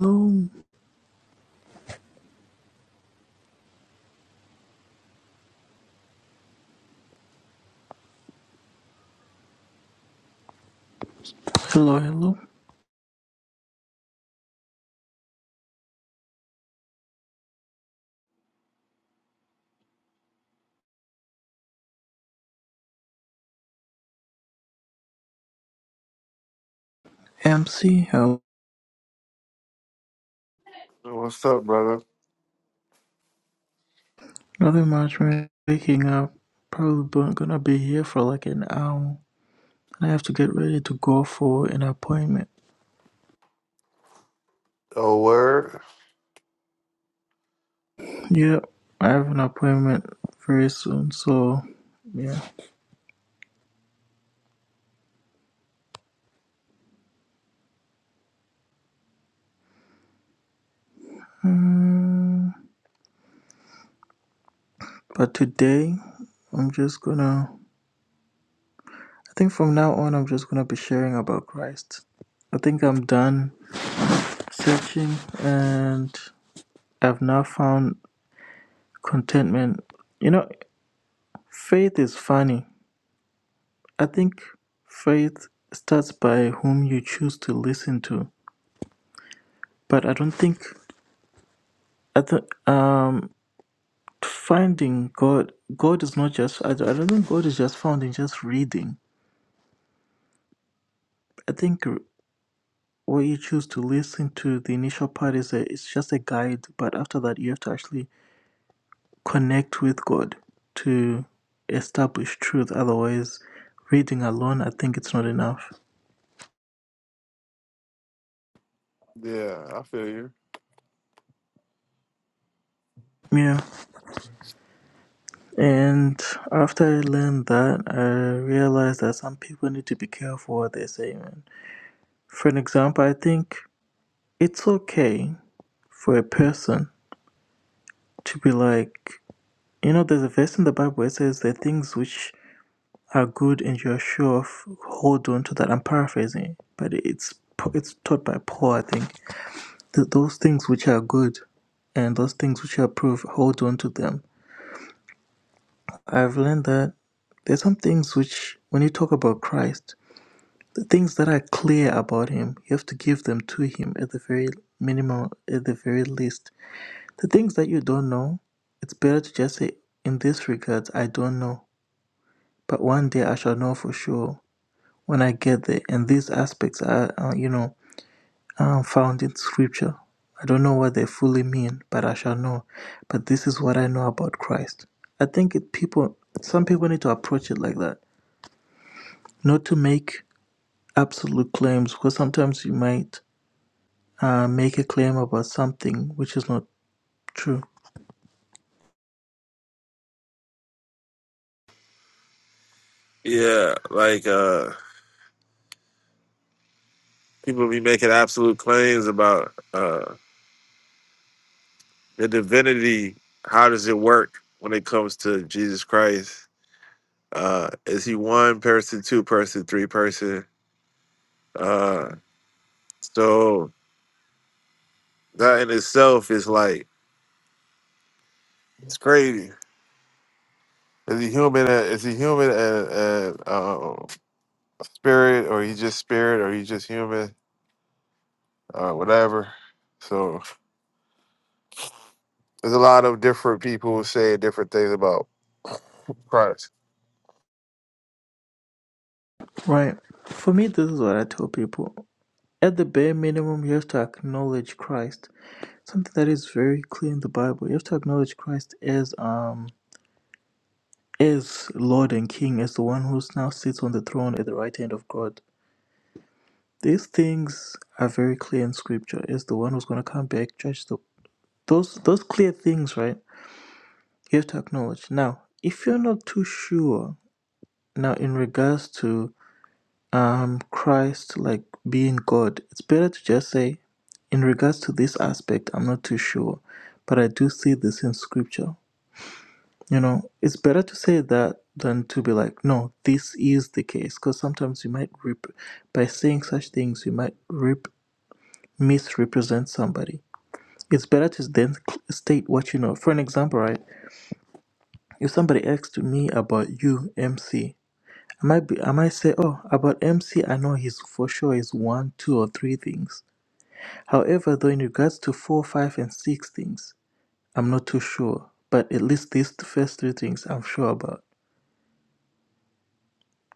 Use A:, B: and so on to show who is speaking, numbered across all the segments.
A: Hello, hello, hello. MC, hello.
B: What's up, brother?
A: Another matchmaker waking up. Probably bu- gonna be here for like an hour. And I have to get ready to go for an appointment.
B: Oh, word?
A: Yeah, I have an appointment very soon, so yeah. Mm, But today, I'm just gonna. I think from now on, I'm just gonna be sharing about Christ. I think I'm done searching and I've now found contentment. You know, faith is funny. I think faith starts by whom you choose to listen to. But I don't think I th- um finding God God is not just I, I don't think God is just found in just reading. I think r- what you choose to listen to the initial part is a, it's just a guide, but after that you have to actually connect with God to establish truth. Otherwise, reading alone I think it's not enough.
B: Yeah, I feel you.
A: Yeah. And after I learned that, I realized that some people need to be careful what they say. Man. For an example, I think it's okay for a person to be like, you know, there's a verse in the Bible where it says the things which are good and you're sure of, hold on to that. I'm paraphrasing, but it's it's taught by Paul, I think. Th- those things which are good and those things which are approved, hold on to them. I've learned that there's some things which, when you talk about Christ, The things that are clear about him, you have to give them to him at the very minimum, at the very least. The things that you don't know, it's better to just say, in this regard, I don't know. But one day I shall know for sure when I get there. And these aspects are, uh, you know, are found in scripture. I don't know what they fully mean, but I shall know. But this is what I know about Christ. I think it, people, some people need to approach it like that, not to make absolute claims, because sometimes you might uh, make a claim about something which is not true.
B: Yeah, like uh people be making absolute claims about uh the divinity. How does it work when it comes to Jesus Christ? Uh is he one person, two person, three person? Uh so that in itself is like it's crazy. Is he human? and- Is he human and, and uh, spirit, or he just spirit, or he just human, or whatever? So There's a lot of different people who say different things about Christ.
A: Right. For me, this is what I tell people. At the bare minimum, you have to acknowledge Christ. Something that is very clear in the Bible. You have to acknowledge Christ as um as Lord and King, as the one who now sits on the throne at the right hand of God. These things are very clear in Scripture. As the one who's going to come back, judge the those those clear things, right? You have to acknowledge. Now, if you're not too sure, now in regards to um Christ like being God, it's better to just say, in regards to this aspect, I'm not too sure, but I do see this in scripture. You know, it's better to say that than to be like, no, this is the case, because sometimes you might rep- by saying such things, you might rep- misrepresent somebody. It's better to then cl- state what you know. For an example, right? If somebody asks me about you, MC, I might be, I might say, oh, about MC, I know he's for sure is one, two, or three things However, though in regards to four, five, and six things, I'm not too sure. But at least these th- first three things I'm sure about.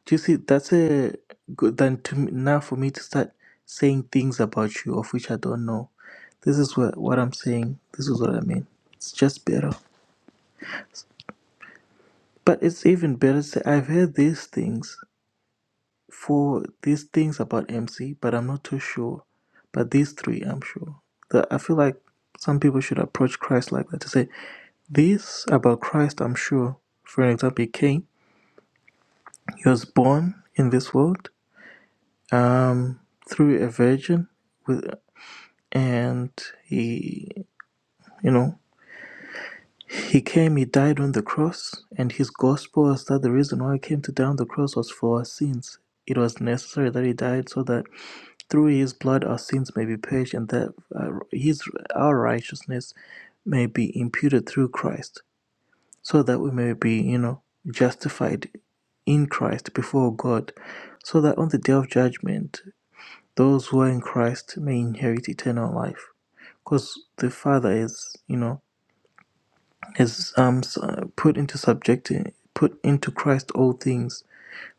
A: Do you see? That's a good. Then to me, now for me to start saying things about you of which I don't know. This is what what I'm saying. This is what I mean. It's just better. But it's even better to say I've heard these things. for these things about MC, but I'm not too sure. But these three, I'm sure. That I feel like some people should approach Christ like that to say, This about Christ, I'm sure. For an example, he came, he was born in this world um, through a virgin, with, and he, you know, he came, he died on the cross, and his gospel was that the reason why he came to die on the cross was for our sins. It was necessary that he died so that Through his blood our sins may be purged, and that uh, his our righteousness may be imputed through Christ, so that we may be, you know, justified in Christ before God, so that on the day of judgment, those who are in Christ may inherit eternal life. Because the Father is, you know, is um uh, put into subject put into Christ all things,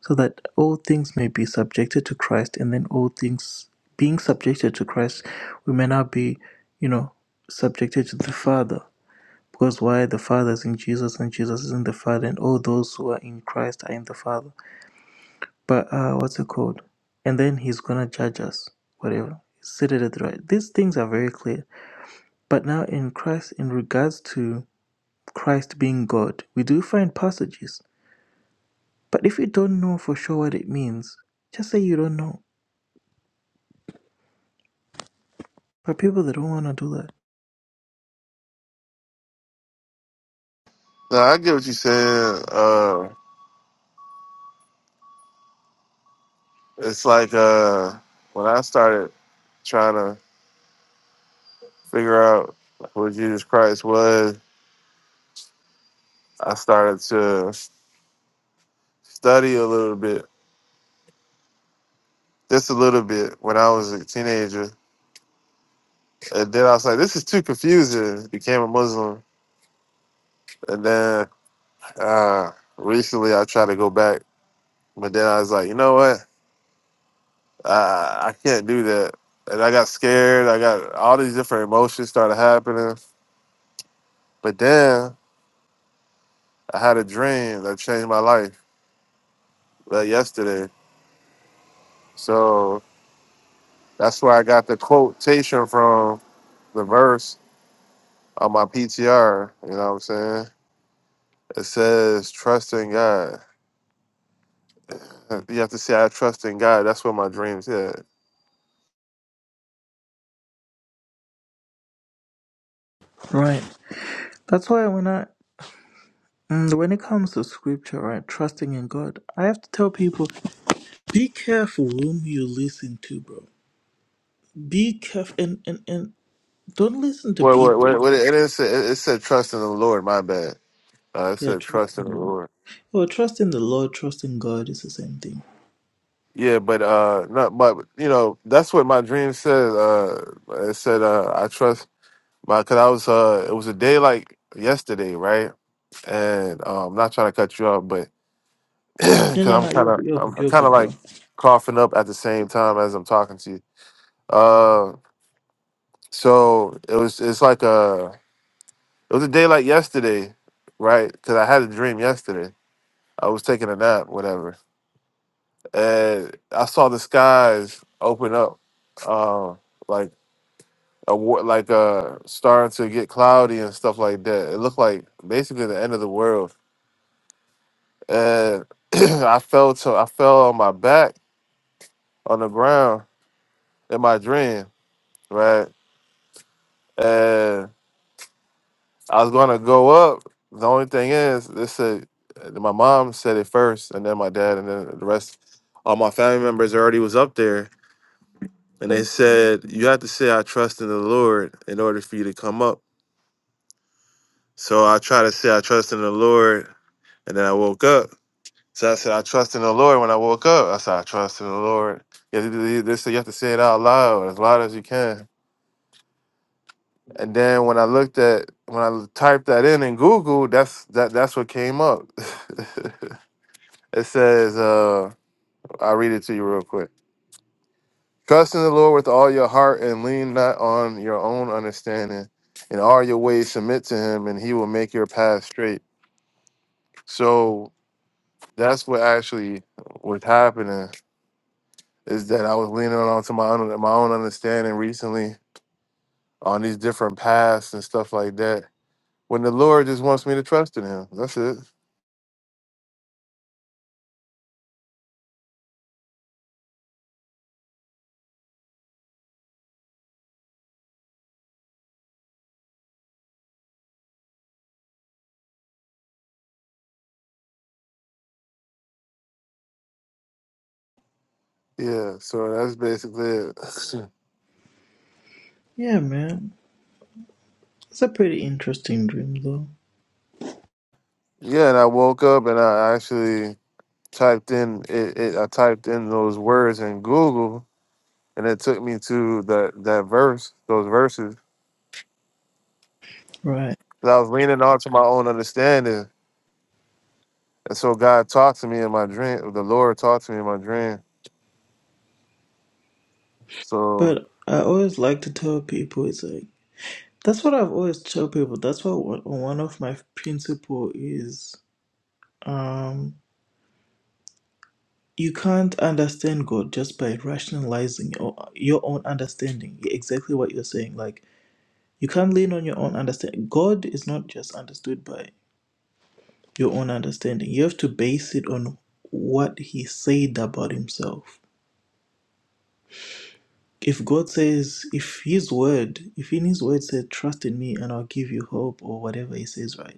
A: so that all things may be subjected to Christ, and then all things being subjected to Christ, we may now be, you know, subjected to the Father. Because why the Father is in Jesus and Jesus is in the Father, and all those who are in Christ are in the Father. But uh, what's it called? And then He's gonna judge us, whatever. He's seated at the right. These things are very clear. But now in Christ, in regards to Christ being God, we do find passages. But if you don't know for sure what it means, just say you don't know for people that don't want to do that,
B: No, I get what you're saying. Uh, it's like uh, when I started trying to figure out who Jesus Christ was, I started to study a little bit, just a little bit, when I was a teenager. And then I was like, this is too confusing. Became a Muslim. And then uh, recently I tried to go back, but then I was like, you know what? Uh, I can't do that. And I got scared. I got all these different emotions started happening. But then I had a dream that changed my life uh, yesterday. So that's where I got the quotation from the verse on my PTR. You know what I'm saying? It says, trust in God. You have to say, I trust in God. That's what my dream said.
A: right? That's why when I mm, when it comes to scripture, right, trusting in God, I have to tell people, be careful whom you listen to, bro. Be careful and and and don't listen to
B: What, what,
A: people.
B: what, what it, it, said, it, it said, trust in the Lord. My bad. Uh, it
A: Yeah,
B: said,
A: trust
B: trust
A: in
B: in the
A: God.
B: Lord.
A: Well, trust in the Lord, trust in God is the same thing.
B: Yeah, but uh, not but you know that's what my dream said. Uh, it said uh, I trust my because I was uh, it was a day like yesterday, right? And uh, I'm not trying to cut you off, but
A: No,
B: because
A: no,
B: I'm
A: no,
B: kind
A: you're
B: of
A: good, you're
B: I'm
A: good, you're
B: kind of
A: good,
B: like
A: bro.
B: coughing up at the same time as I'm talking to you. Uh, so it was it's like a it was a day like yesterday, right? Because I had a dream yesterday. I was taking a nap, whatever, and I saw the skies open up. uh, like award like uh starting to get cloudy and stuff like that. It looked like basically the end of the world. And I fell to I fell on my back on the ground in my dream, right? And I was gonna go up. The only thing is they said uh, my mom said it first and then my dad and then the rest all my family members already was up there and they said you have to say I trust in the Lord in order for you to come up. So I tried to say I trust in the Lord and then I woke up So I said, I trust in the Lord when I woke up. I said, I trust in the Lord. You have to, do this, so you have to say it out loud, as loud as you can. And then when I looked at, when I typed that in in Google, that's that that's what came up. it says, uh, I'll read it to you real quick. Trust in the Lord with all your heart and lean not on your own understanding. In all your ways, submit to him, and he will make your path straight. So that's what actually was happening is that I was leaning on to my own my own understanding recently on these different paths and stuff like that. When the Lord just wants me to trust in Him, that's it. Yeah, so that's basically it.
A: Yeah, man, it's a pretty interesting dream though,
B: yeah, and I woke up and I actually typed in it, it. I typed in those words in Google, and it took me to that that verse, those verses.
A: right?
B: 'Cause I was leaning on to my own understanding, and so God talked to me in my dream. The Lord talked to me in my dream. So
A: But I always like to tell people it's like That's what I've always tell people. That's what one one of my principle is. Um, you can't understand God just by rationalizing your, your own understanding. Exactly what you're saying. Like you can't lean on your own understanding. God is not just understood by your own understanding. You have to base it on what He said about Himself. If God says, if His word, if in His word said, "Trust in Me and I'll give you hope," or whatever He says, right?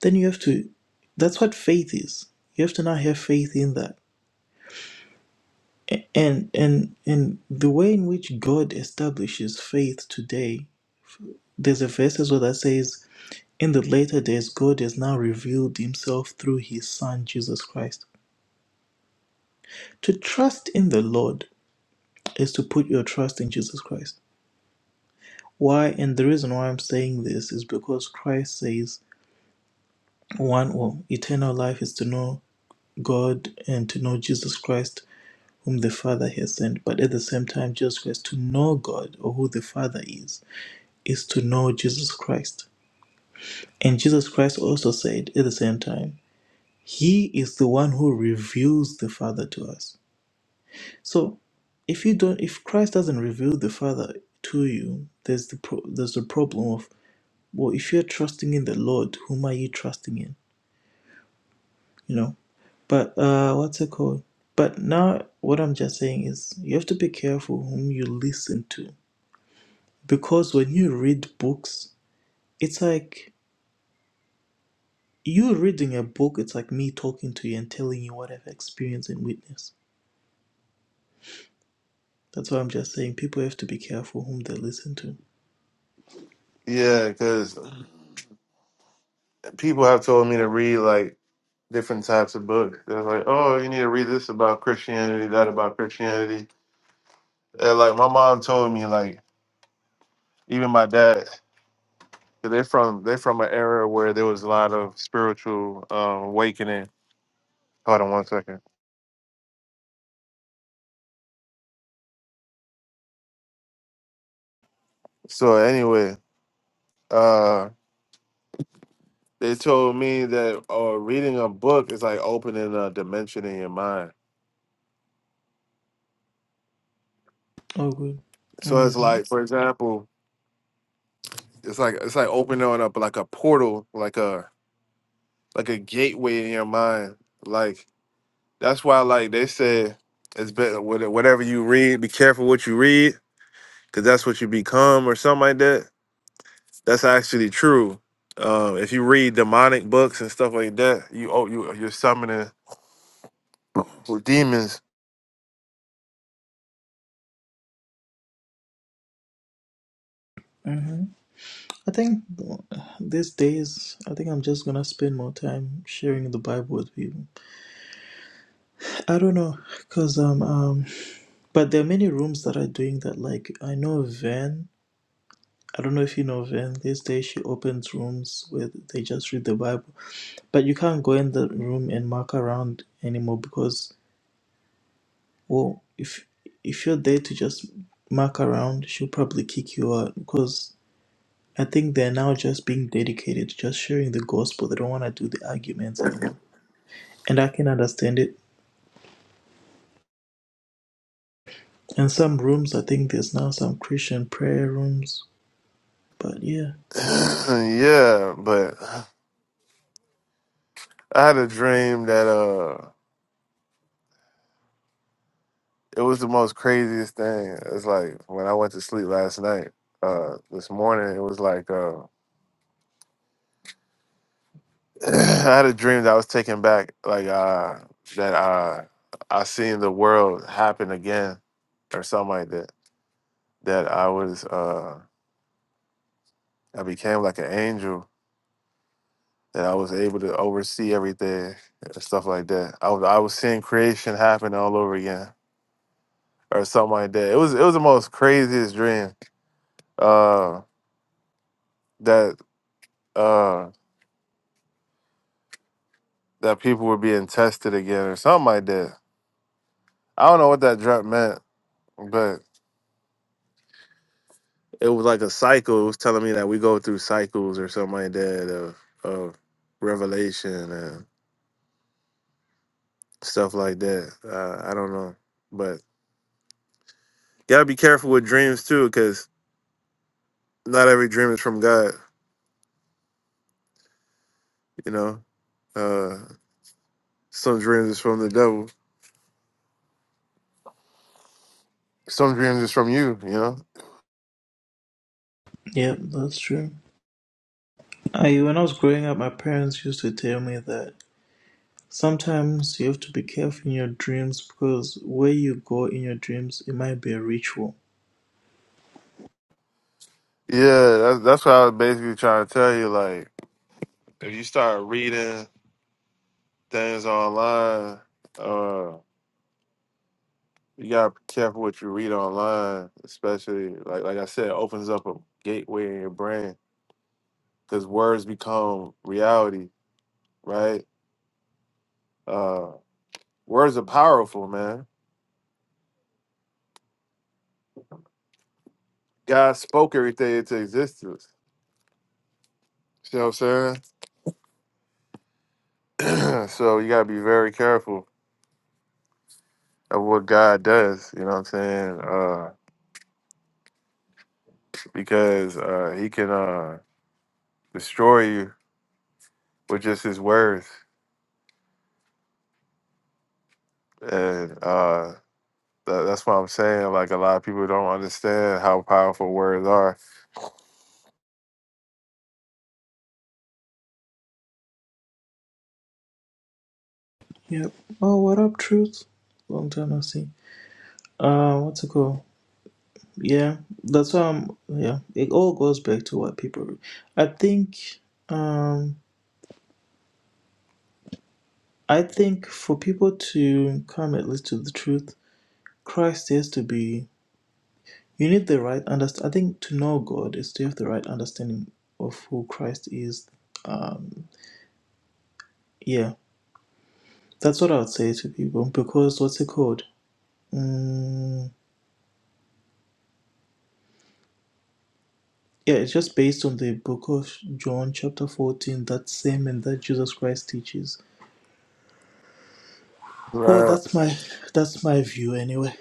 A: then you have to that's what faith is you have to now have faith in that and and and the way in which god establishes faith today there's a verse as well that says in the later days god has now revealed himself through his son jesus christ to trust in the lord is to put your trust in jesus christ why and the reason why i'm saying this is because christ says one well eternal life is to know god and to know jesus christ whom the Father has sent. But at the same time, Jesus Christ, to know God or who the Father is, is to know Jesus Christ. And Jesus Christ also said at the same time, He is the one who reveals the Father to us. So if you don't if Christ doesn't reveal the Father to you, there's the pro- there's the problem of well, if you're trusting in the Lord, whom are you trusting in? You know? But uh what's it called? But now what I'm just saying is you have to be careful whom you listen to Because when you read books, it's like you reading a book, it's like me talking to you and telling you what I've experienced and witnessed. That's why I'm just saying people have to be careful whom they listen to.
B: yeah, because people have told me to read like different types of books. They're like, oh, you need to read this about Christianity, that about Christianity. And like my mom told me, like even my dad, 'cause they're from they're from an era where there was a lot of spiritual um, awakening. Hold on one second. So anyway, uh, they told me that uh, reading a book is like opening a dimension in your mind.
A: Oh, good.
B: So it's like,
A: Mm-hmm.
B: for example, it's like it's like opening up like a portal, like a like a gateway in your mind. Like that's why, like they said, it's better what- whatever you read. Be careful what you read, because that's what you become, or something like that. That's actually true. Um, if you read demonic books and stuff like that, you oh you you're summoning demons.
A: Mm-hmm. I think uh, these days, I think I'm just gonna spend more time sharing the Bible with people. I don't know, cause um um, but there are many rooms that are doing that. Like I know Van. I don't know if you know Van. These days she opens rooms where they just read the Bible. But you can't go in the room and mark around anymore because, well, if if you're there to just mark around, she'll probably kick you out because I think they're now just being dedicated to just sharing the gospel. They don't want to do the arguments anymore, and I can understand it. And some rooms, I think there's now some Christian prayer rooms. But yeah,
B: yeah, but I had a dream that uh it was the most craziest thing. It's like when I went to sleep last night. Uh, this morning it was like uh. I had a dream that I was taken back, like uh that uh I seen the world happen again or something like that. That I was uh I became like an angel that I was able to oversee everything and stuff like that. I was I was seeing creation happen all over again or something like that. It was it was the most craziest dream. Uh that uh that people were being tested again or something like that. I don't know what that dream meant, it was like a cycle. It was telling me that we go through cycles or something like that of of revelation and stuff like that. Uh, I don't know, but you gotta be careful with dreams too, because not every dream is from God. You know, uh, some dreams is from the devil. Some dreams is from you. You know.
A: yeah, that's true. I, when I was growing up, my parents used to tell me that Sometimes you have to be careful in your dreams because where you go in your dreams, it might be a ritual.
B: Yeah, that's that's what I was basically trying to tell you. Like, if you start reading things online. uh, You gotta be careful what you read online, especially like like I said, it opens up a gateway in your brain because words become reality, right? Uh, words are powerful, man. God spoke everything into existence. You know what I'm saying? so you gotta be very careful of what God does. You know what I'm saying? Uh, because uh, He can uh, destroy you with just His words, and uh, That, that's what I'm saying. Like a lot of people don't understand how powerful words are.
A: Yep. Oh, what up, Truth? Long time no see. Uh, what's it called? Yeah, that's why I'm. Yeah, it all goes back to what people. I think. Um, I think for people to come at least to the truth, Christ has to be. You need the right understand. I think to know God is to have the right understanding of who Christ is. Um, yeah. That's what I would say to people because what's it called? Mm, yeah, it's just based on the book of John, chapter fourteen. That same and that Jesus Christ teaches. Well,
B: Right.
A: that's my that's my view anyway.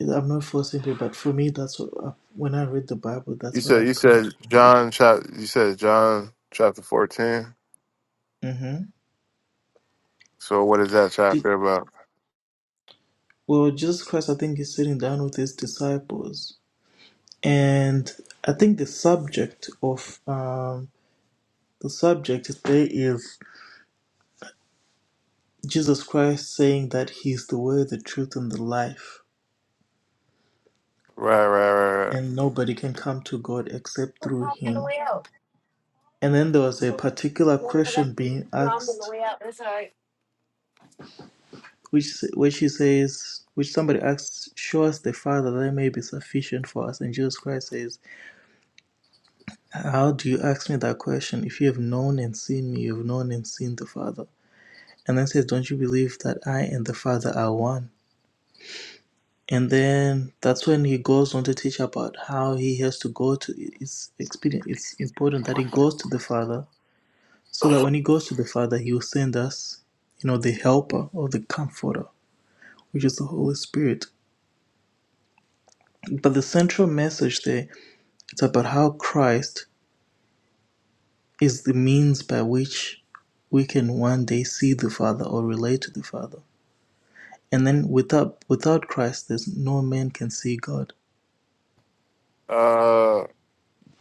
A: I'm not forcing people, but for me, that's what I, when I read the Bible,
B: You
A: that's what
B: said you
A: I've come
B: said
A: to conclude.
B: John chap. You said John chapter fourteen.
A: Mm-hmm.
B: So what is that
A: Je-
B: chapter about?
A: Well, Jesus Christ, I think, is sitting down with his disciples, and I think the subject of um, the subject today is Jesus Christ saying that He is the way, the truth, and the life,
B: Right, right, right,
A: and nobody can come to God except through Him. And then there was a particular question being asked, which which He says, which somebody asks, "Show us the Father, that may be sufficient for us." And Jesus Christ says, "How do you ask me that question? If you have known and seen me, you have known and seen the Father." And then says, "Don't you believe that I and the Father are one?" And then that's when he goes on to teach about how he has to go to it's expedient it's important that he goes to the Father so that when he goes to the Father he will send us, you know, the helper or the comforter, which is the Holy Spirit. But the central message there is about how Christ is the means by which we can one day see the Father or relate to the Father. And then without without Christ there's no man can see God.
B: right. Uh,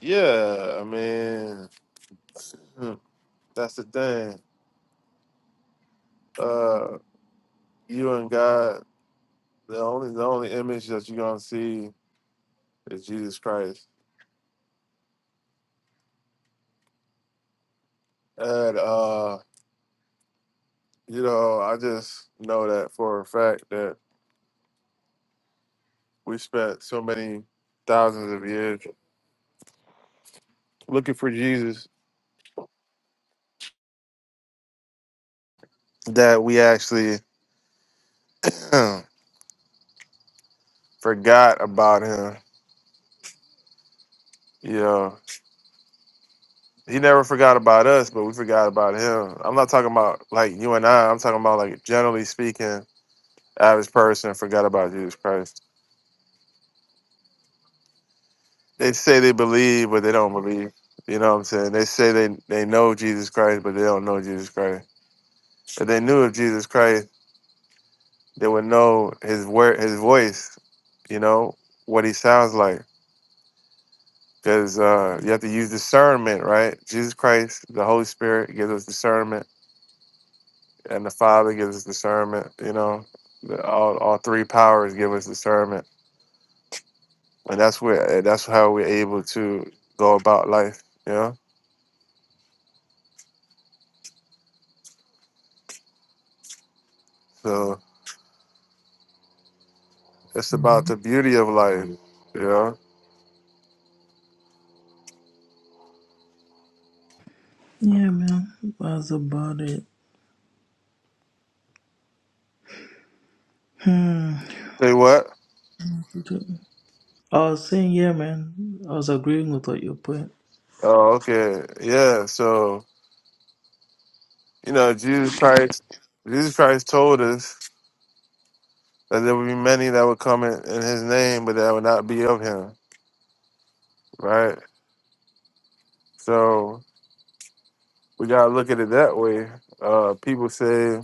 B: yeah. I mean, hmm, that's the thing. Uh, you and God. The only the only image that you're gonna see is Jesus Christ. And uh, you know, I just know that for a fact that we spent so many thousands of years looking for Jesus that we actually forgot about him. You know, He never forgot about us, but we forgot about him. I'm not talking about like you and I. I'm talking about like generally speaking, average person forgot about Jesus Christ. They say they believe, but they don't believe. You know what I'm saying? They say they, they know Jesus Christ, but they don't know Jesus Christ. If they knew of Jesus Christ, they would know his word, his voice, you know, what he sounds like because uh, you have to use discernment, right? Jesus Christ, the Holy Spirit gives us discernment, and the Father gives us discernment. You know, The- all all three powers give us discernment, and that's where eh, that's how we're able to go about life. You know, so it's about the beauty of life. You know,
A: Yeah man, that's about it. Hmm.
B: say what?
A: I was saying, yeah, man, I was agreeing with what you're putting.
B: Oh, okay, yeah. So you know, Jesus Christ, Jesus Christ told us that there would be many that would come in, in His name, but that would not be of Him, right? So we gotta look at it that way. Uh, people say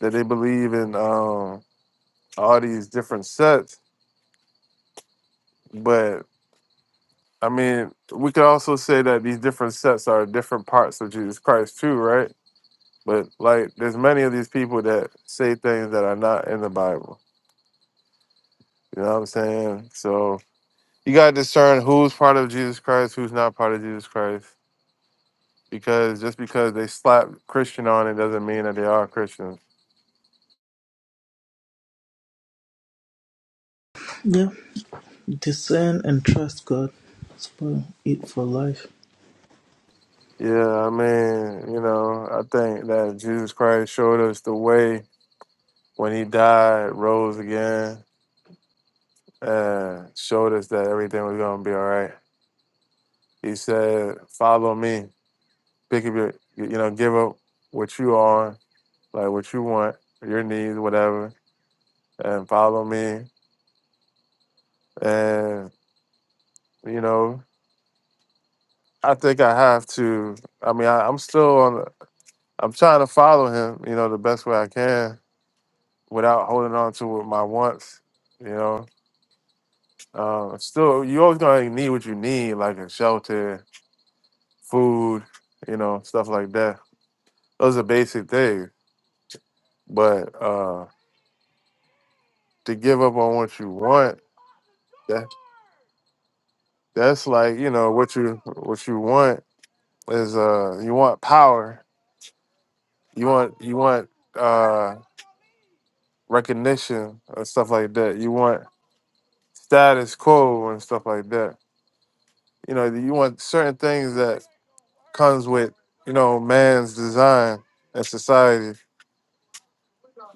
B: that they believe in um, all these different sets, but I mean, we could also say that these different sets are different parts of Jesus Christ too, right? But like, there's many of these people that say things that are not in the Bible. You know what I'm saying? So you gotta discern who's part of Jesus Christ, who's not part of Jesus Christ. Because just because they slap Christian on it doesn't mean that they are Christians.
A: Yeah, discern and trust God. That's about it for life.
B: Yeah, I mean, you know, I think that Jesus Christ showed us the way when he died, rose again, and showed us that everything was going to be all right. He said, Follow me, pick up your, you know, give up what you are, like what you want, your needs, whatever, and follow me. And, you know, I think I have to. I mean, I, I'm still on, I'm trying to follow him, you know, the best way I can without holding on to my wants you know Uh, still, you always gonna like, need what you need, like a shelter, food, you know, stuff like that. Those are basic things. But uh, to give up on what you want, that that's like you know what you what you want is uh you want power, you want you want uh recognition and stuff like that. You want status quo and stuff like that. You know, you want certain things that comes with you know man's design and society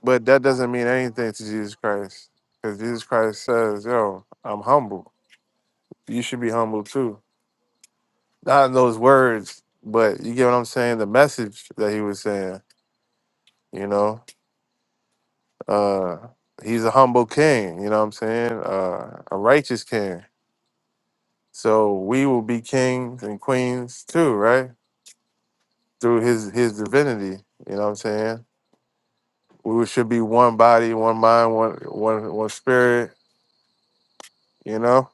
B: But that doesn't mean anything to Jesus Christ. Because Jesus Christ says, yo, I'm humble. You should be humble too. Not in those words, but you get what I'm saying? The message that he was saying, you know? Uh, he's a humble king, you know what I'm saying? Uh, a righteous king. So we will be kings and queens too, right? Through his his divinity, you know what I'm saying? We should be one body, one mind, one one one spirit, you know?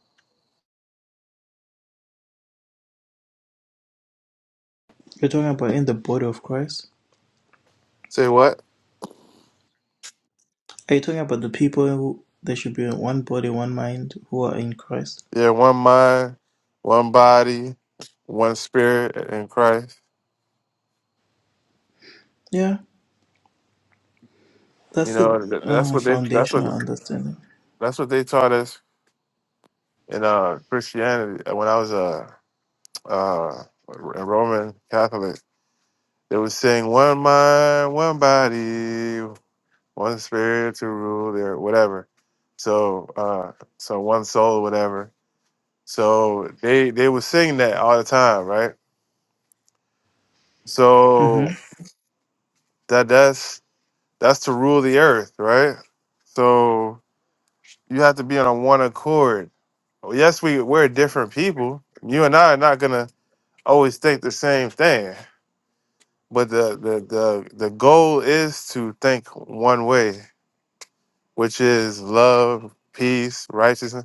A: You're talking about in the body of Christ.
B: Say what?
A: Are you talking about the people who there should be in one body, one mind, who are in Christ?
B: Yeah, one mind, one body, one spirit in Christ.
A: Yeah,
B: You
A: that's the
B: know, th- that's
A: uh,
B: what they that's what
A: foundational understanding.
B: that's what they taught us in uh Christianity. uh, When I was a uh, a Roman Catholic, they was saying one mind, one body, one spirit to rule or whatever. So uh so one soul, whatever. So they they were singing that all the time, right? So
A: Mm-hmm.
B: that that's. That's to rule the earth, right? So you have to be on one accord. Well, Yes, we we're different people. You and I are not gonna always think the same thing. But the the the, the goal is to think one way, which is love, peace, righteousness.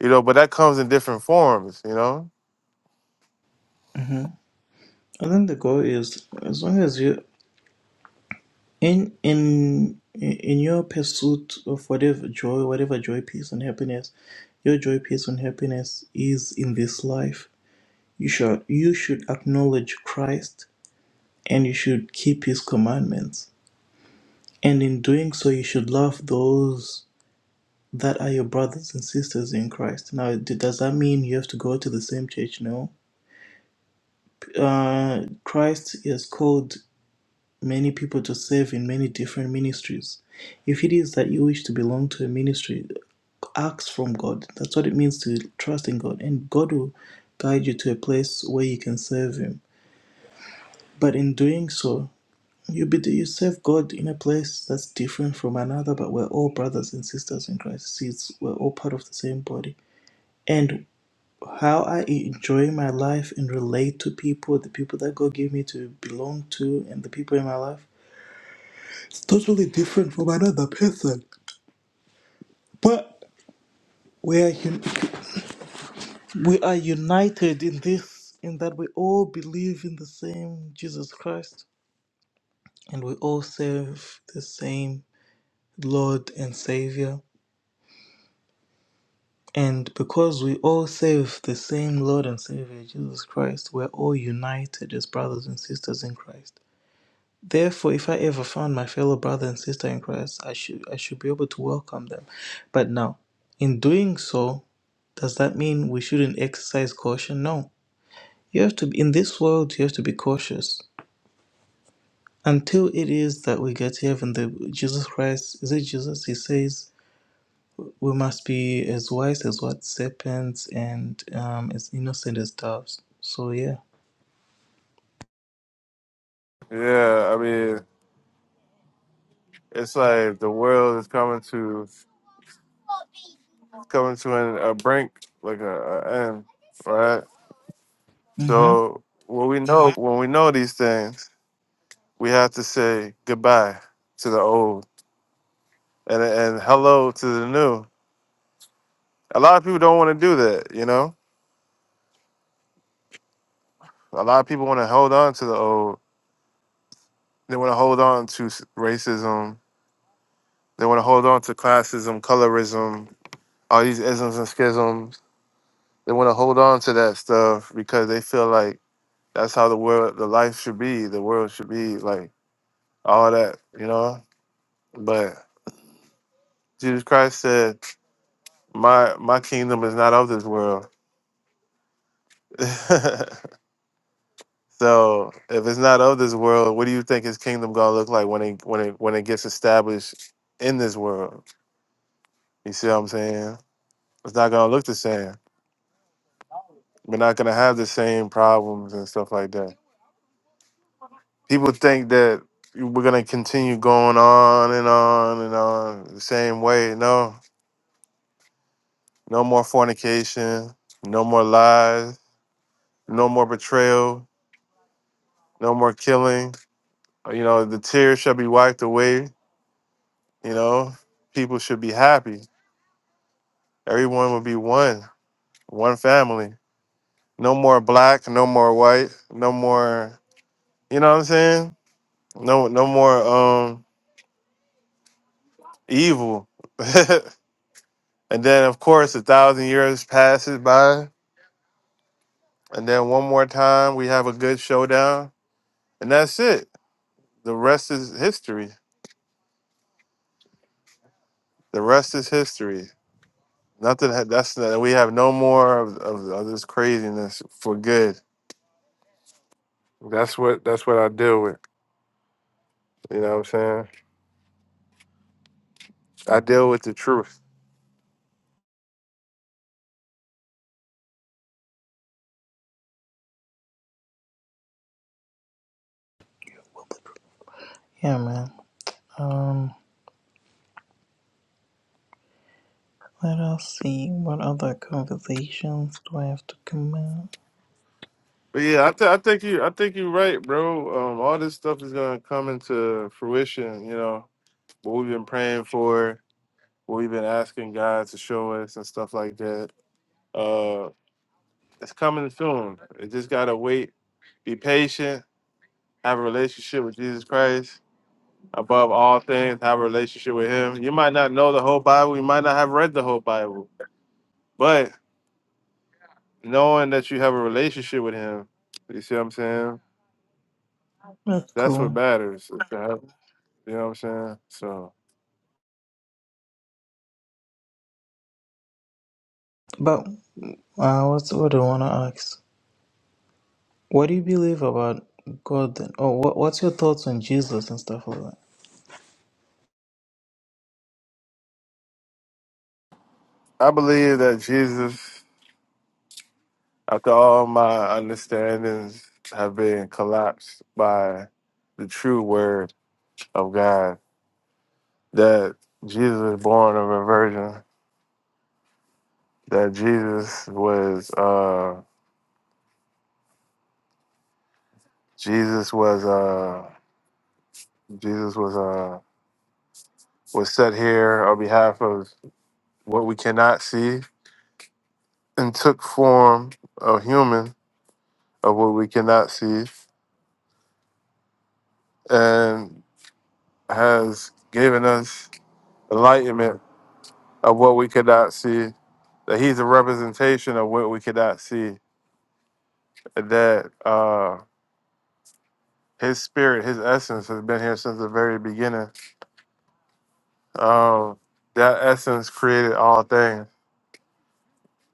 B: You know, but that comes in different forms, you know?
A: Mm-hmm. I think the goal is as long as you in in in your pursuit of whatever joy, whatever joy, peace, and happiness, your joy, peace, and happiness is in this life You should, you should acknowledge Christ and you should keep his commandments. And in doing so, you should love those that are your brothers and sisters in Christ. Now, d- does that mean you have to go to the same church? No. Uh, Christ has called many people to serve in many different ministries. If it is that you wish to belong to a ministry, ask from God. That's what it means to trust in God. And God will guide you to a place where you can serve Him. But in doing so, You be the, you serve God in a place that's different from another, but we're all brothers and sisters in Christ. See, it's, we're all part of the same body. And how I enjoy my life and relate to people, the people that God gave me to belong to, and the people in my life, it's totally different from another person. But we are un- we are united in this, in that we all believe in the same Jesus Christ, and we all serve the same Lord and Savior And because we all serve the same Lord and Savior, Jesus Christ, we're all united as brothers and sisters in Christ. Therefore, if I ever found my fellow brother and sister in Christ, I should I should be able to welcome them. But now, in doing so, does that mean we shouldn't exercise caution? No. You have to be in this world you have to be cautious. Until it is that we get to heaven, the Jesus Christ is it Jesus? He says We must be as wise as what serpents and um, as innocent as doves. So yeah.
B: Yeah, I mean it's like the world is coming to coming to an, a brink, like a, a end, right?
A: Mm-hmm.
B: So when we know when we know these things, we have to say goodbye to the old and and hello to the new. A lot of people don't want to do that, you know. A lot of people want to hold on to the old. They want to hold on to s- racism. They want to hold on to classism, colorism, all these isms and schisms. They want to hold on to that stuff because they feel like that's how the world, the life should be. The world should be like all that, you know. But Jesus Christ said. my my kingdom is not of this world. so if it's not of this world, what do you think his kingdom gonna look like when it when it when it gets established in this world? You see what I'm saying? It's not gonna look the same. We're not gonna have the same problems and stuff like that. People think that we're gonna continue going on and on and on the same way. No, no more fornication, no more lies, no more betrayal, no more killing You know, the tears shall be wiped away. You know, people should be happy. Everyone will be one, one family. No more black, no more white, no more. You know what I'm saying? No, no more um evil. and then, of course, a thousand years passes by, and then one more time we have a good showdown, and that's it. The rest is history. The rest is history. Nothing. ha- That's we have no more of, of, of this craziness for good That's what that's what I deal with. You know what I'm saying? I deal with the truth.
A: Yeah, man. Um, let us see what other conversations do I have to come out.
B: But yeah, I, th- I think you I think you're right, bro. Um, all this stuff is gonna come into fruition. You know what we've been praying for, what we've been asking God to show us, and stuff like that. Uh, it's coming soon. It just gotta wait. Be patient. Have a relationship with Jesus Christ above all things. Have a relationship with Him. You might not know the whole Bible. You might not have read the whole Bible, but knowing that you have a relationship with him. You see what I'm saying?
A: That's
B: That's what
A: cool.
B: matters. is to have- You know what I'm saying? So
A: But uh, what's what do I wanna ask? What do you believe about God? Then? Oh, what, what's your thoughts on Jesus and stuff like that?
B: I believe that Jesus, after all my understandings have been collapsed by the true word of God, that Jesus was born of a virgin, that Jesus was uh Jesus was uh Jesus was uh was set here on behalf of what we cannot see and took form of human of what we cannot see and has given us enlightenment of what we cannot see that he's a representation of what we cannot see and that uh his spirit his essence has been here since the very beginning um that essence created all things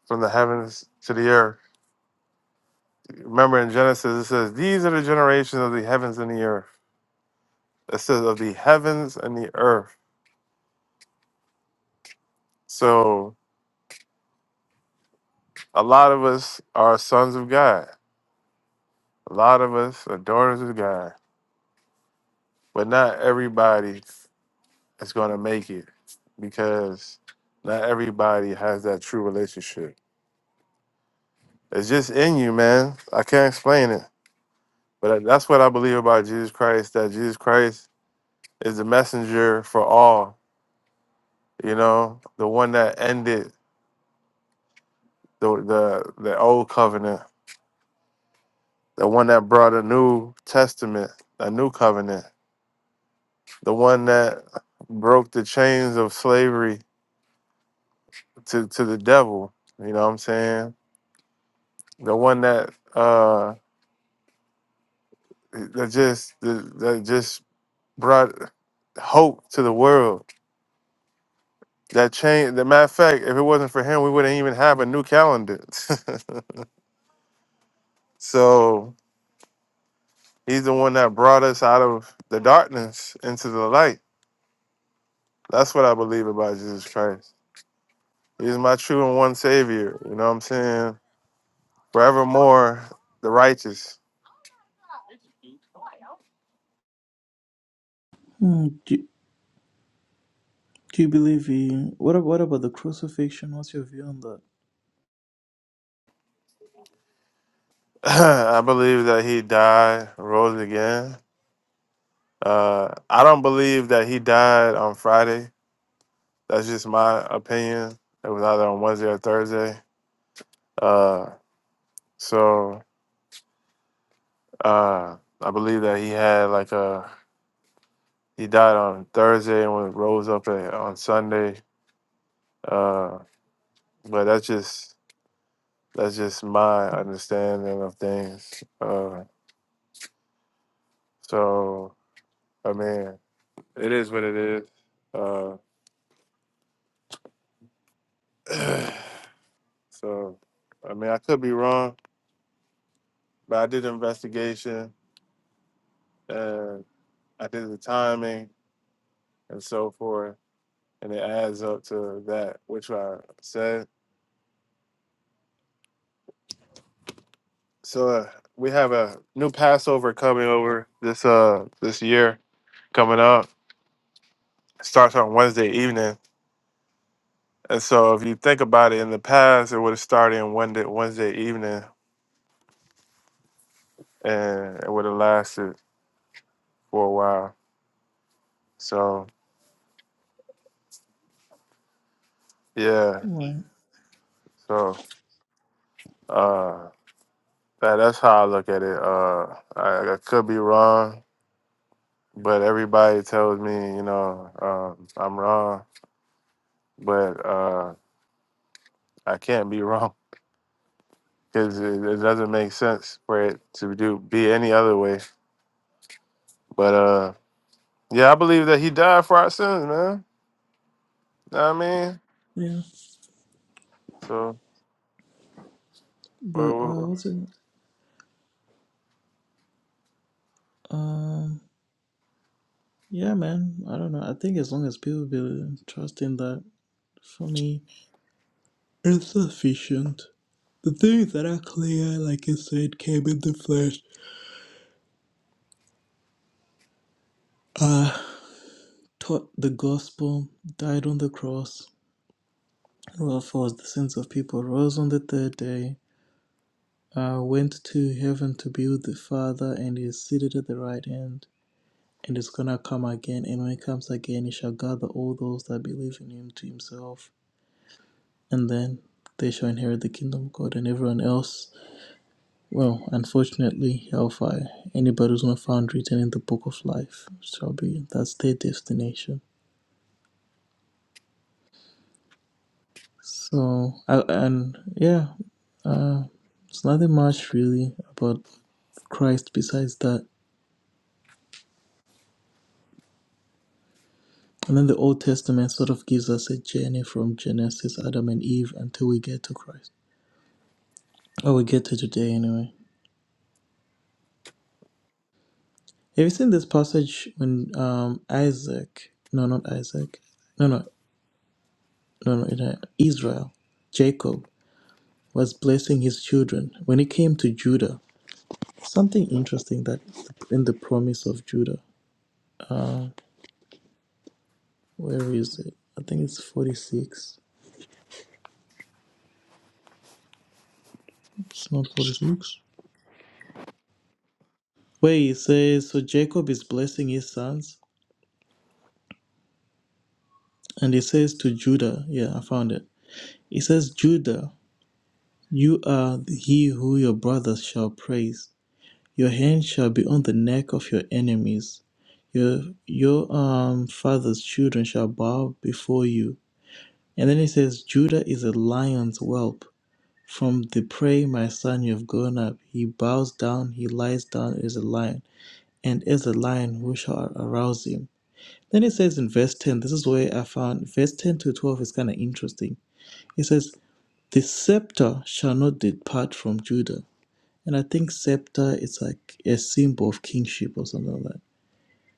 B: from the heavens to the earth remember in genesis it says these are the generations of the heavens and the earth it says of the heavens and the earth so A lot of us are sons of God. A lot of us are daughters of God. But not everybody is going to make it because not everybody has that true relationship. It's just in you, man. I can't explain it. But that's what I believe about Jesus Christ that Jesus Christ is the messenger for all, you know, the one that ended the, the, the old covenant, the one that brought a new testament, a new covenant the one that broke the chains of slavery to, to the devil. You know what I'm saying? The one that uh that just that just brought hope to the world. That chain the matter of fact, if it wasn't for him, we wouldn't even have a new calendar. so he's the one that brought us out of the darkness into the light. That's what I believe about Jesus Christ. He's my true and one savior. You know what I'm saying? Forevermore the righteous.
A: Hmm, do, do you believe he? What ab- what about the crucifixion? What's your view on that?
B: I believe that he died, rose again. Uh, I don't believe that he died on Friday. That's just my opinion. It was either on Wednesday or Thursday. Uh, so uh, I believe that he had like a he died on Thursday and was rose up a- on Sunday. Uh, but that's just that's just my understanding of things. Uh, so I mean, it is what it is. Uh, So, I mean, I could be wrong, but I did the investigation and I did the timing and so forth, and it adds up to that, which I said. So uh, we have a new Passover coming over this uh this year coming up. It starts on Wednesday evening, and so if you think about it, in the past it would have started on Wednesday Wednesday evening, and it would have lasted for a while. So yeah,
A: Right.
B: so. uh. That, that's how I look at it. Uh, I, I could be wrong, but everybody tells me, you know, um, I'm wrong, but uh, I can't be wrong because it, it doesn't make sense for it to do be any other way. But uh, yeah, I believe that he died for our sins, man. Know what I mean,
A: Yeah.
B: so. we-
A: But uh, what's
B: we-
A: it? Um. Yeah, man. I don't know. I think as long as people be trusting that, for me, it's sufficient. The things that are clear, like you said, came in the flesh, uh, taught the gospel, died on the cross, well, for the sins of people, rose on the third day, uh, went to heaven to be with the Father, and is seated at the right hand, and is gonna come again. And when he comes again, he shall gather all those that believe in him to himself, and then they shall inherit the kingdom of God, and everyone else Well, unfortunately, hellfire, anybody who's not found written in the book of life shall be, that's their destination. So, I, and yeah, uh, it's nothing much really about Christ besides that. And then the Old Testament sort of gives us a journey from Genesis, Adam and Eve, until we get to Christ. Or we get to today anyway. Have you seen this passage when um, Isaac, no, not Isaac, no, no, no, no, it- Israel, Jacob? was blessing his children. When it came to Judah, something interesting that in the promise of Judah. Where is it? I think it's 46. It's not 46. Where he says, So Jacob is blessing his sons, and he says to Judah, Yeah, I found it. He says, Judah, you are he who your brothers shall praise. Your hand shall be on the neck of your enemies. Your your um father's children shall bow before you. And then he says, Judah is a lion's whelp. From the prey, my son, you have grown up. He bows down, he lies down as a lion. And as a lion, who shall arouse him? Then he says in verse 10, this is where I found verse 10 to 12 is kind of interesting. He says, The scepter shall not depart from Judah. And I think scepter is like a symbol of kingship or something like that.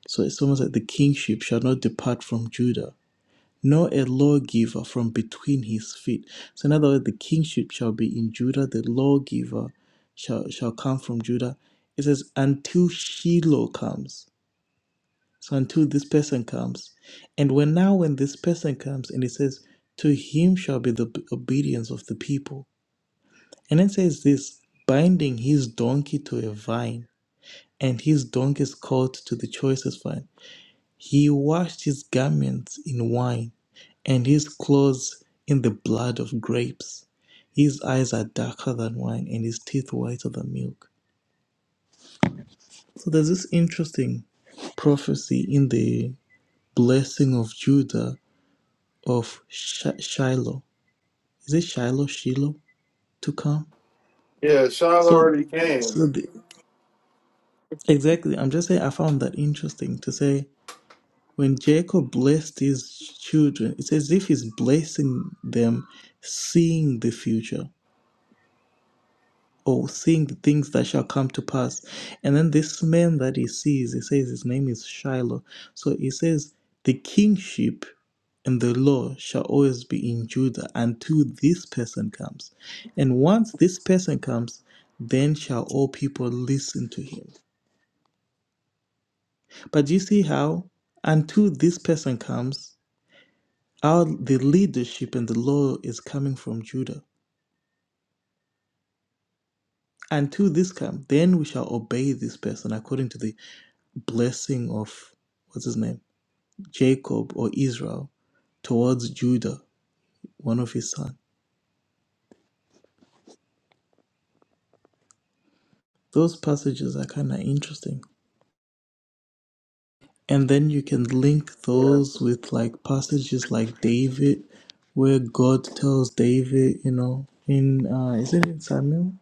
A: So it's almost like the kingship shall not depart from Judah nor a lawgiver from between his feet. So, in other words, the kingship shall be in Judah, the lawgiver shall, shall come from Judah. It says, until Shiloh comes. So, until this person comes. And when now, when this person comes, and it says, to him shall be the b- obedience of the people. And it says this, binding his donkey to a vine, and his donkey's colt to the choicest vine. He washed his garments in wine, and his clothes in the blood of grapes. His eyes are darker than wine, and his teeth whiter than milk. So there's this interesting prophecy in the blessing of Judah of Shi- Shiloh. Is it Shiloh, Shiloh to come?
B: Yeah, Shiloh
A: So,
B: already
A: so
B: came.
A: the, exactly. I'm just saying I found that interesting to say When Jacob blessed his children, it's as if he's blessing them, seeing the future or seeing the things that shall come to pass. And then this man that he sees, he says his name is Shiloh. So he says, The kingship and the law shall always be in Judah until this person comes. And once this person comes, then shall all people listen to him. But do you see how until this person comes, Our the leadership and the law is coming from Judah. And to this come, then we shall obey this person according to the blessing of what's his name? Jacob or Israel towards Judah, one of his sons. Those passages are kind of interesting. And then you can link
B: Yeah.
A: those with like passages like David, where God tells David, you know, in uh, is it in Samuel,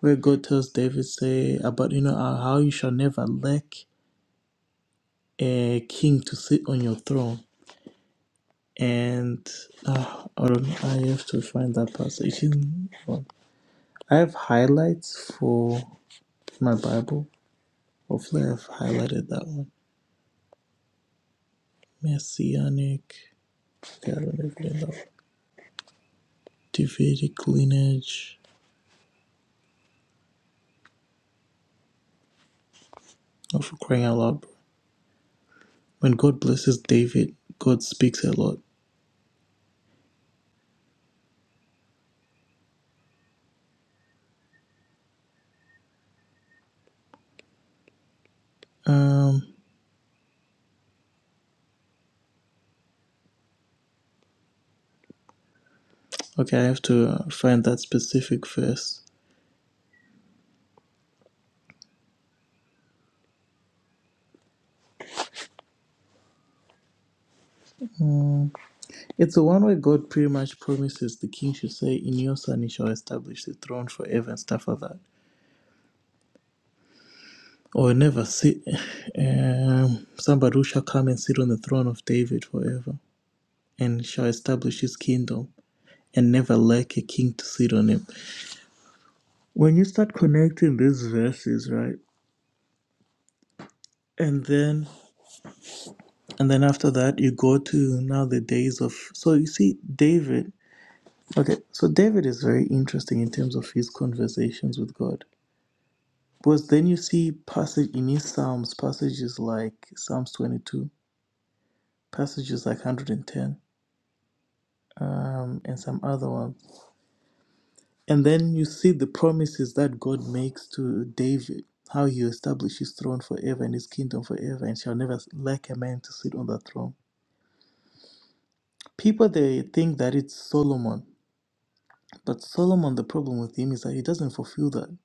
A: where God tells David, say about you know uh, how you shall never lack a king to sit on your throne. And uh, I don't know, I have to find that passage. in- I have highlights for my Bible. Hopefully, I've highlighted that one. Messianic. Yeah, I don't know if you know. that one. Davidic lineage. Oh, for crying out loud. bro. When God blesses David, God speaks a lot. Um. Okay, I have to uh, find that specific verse. It's the one where God pretty much promises the king should say, In your son he shall establish the throne forever and stuff like that. Or never sit, um, somebody who shall come and sit on the throne of David forever and shall establish his kingdom and never lack a king to sit on him. When you start connecting these verses, right? And then, and then after that, you go to now the days of. So you see, David. Okay, so David is very interesting in terms of his conversations with God Because then you see passage in his Psalms, passages like Psalms 22, passages like 110, um, and some other ones. And then you see the promises that God makes to David, how he will establish his throne forever and his kingdom forever, and shall never lack a man to sit on that throne. People they think that it's Solomon, but Solomon, the problem with him is that he doesn't fulfill that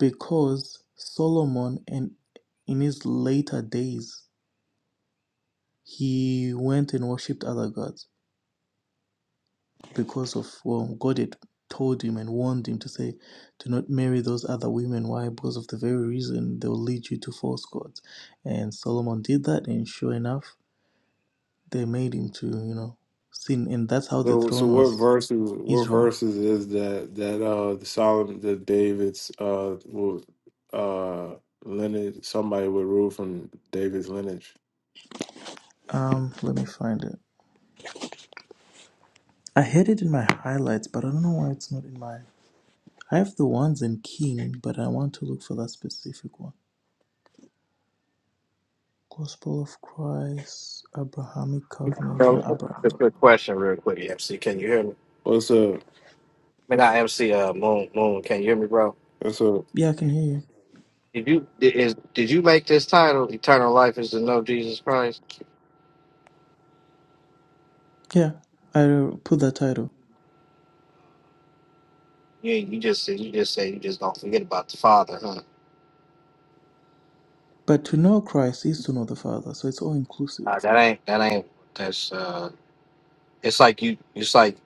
A: because Solomon and in his later days he went and worshipped other gods because of well, God had told him and warned him to say, "Do not marry those other women." Why? Because of the very reason they will lead you to false gods. And Solomon did that, and sure enough, they made him to you know sin, and that's how the
B: So, so
A: throne
B: what
A: was
B: verses? What
A: Israel.
B: verses is that that uh the Solomon that David's uh will uh lineage somebody would rule from David's lineage?
A: Um, let me find it. I had it in my highlights, but I don't know why it's not in my. I have the ones in King, but I want to look for that specific one. Gospel of Christ, Abrahamic covenant, not
C: Bro, just a
A: Abrahamic.
C: quick question, real quick, MC. Can you hear me? I
B: Well, it's a
C: mean, not MC. Uh, Moon, Moon. Can you hear me, bro?
B: it's a
A: Yeah, I can hear you.
C: Did you did, is did you make this title? Eternal life is to know Jesus Christ.
A: Yeah, I put that title.
C: You ain't- you just said you just said you just don't forget about the Father, huh?
A: But to know Christ is to know the Father, so it's all inclusive.
C: Nah, that ain't that ain't that's uh. It's like you it's like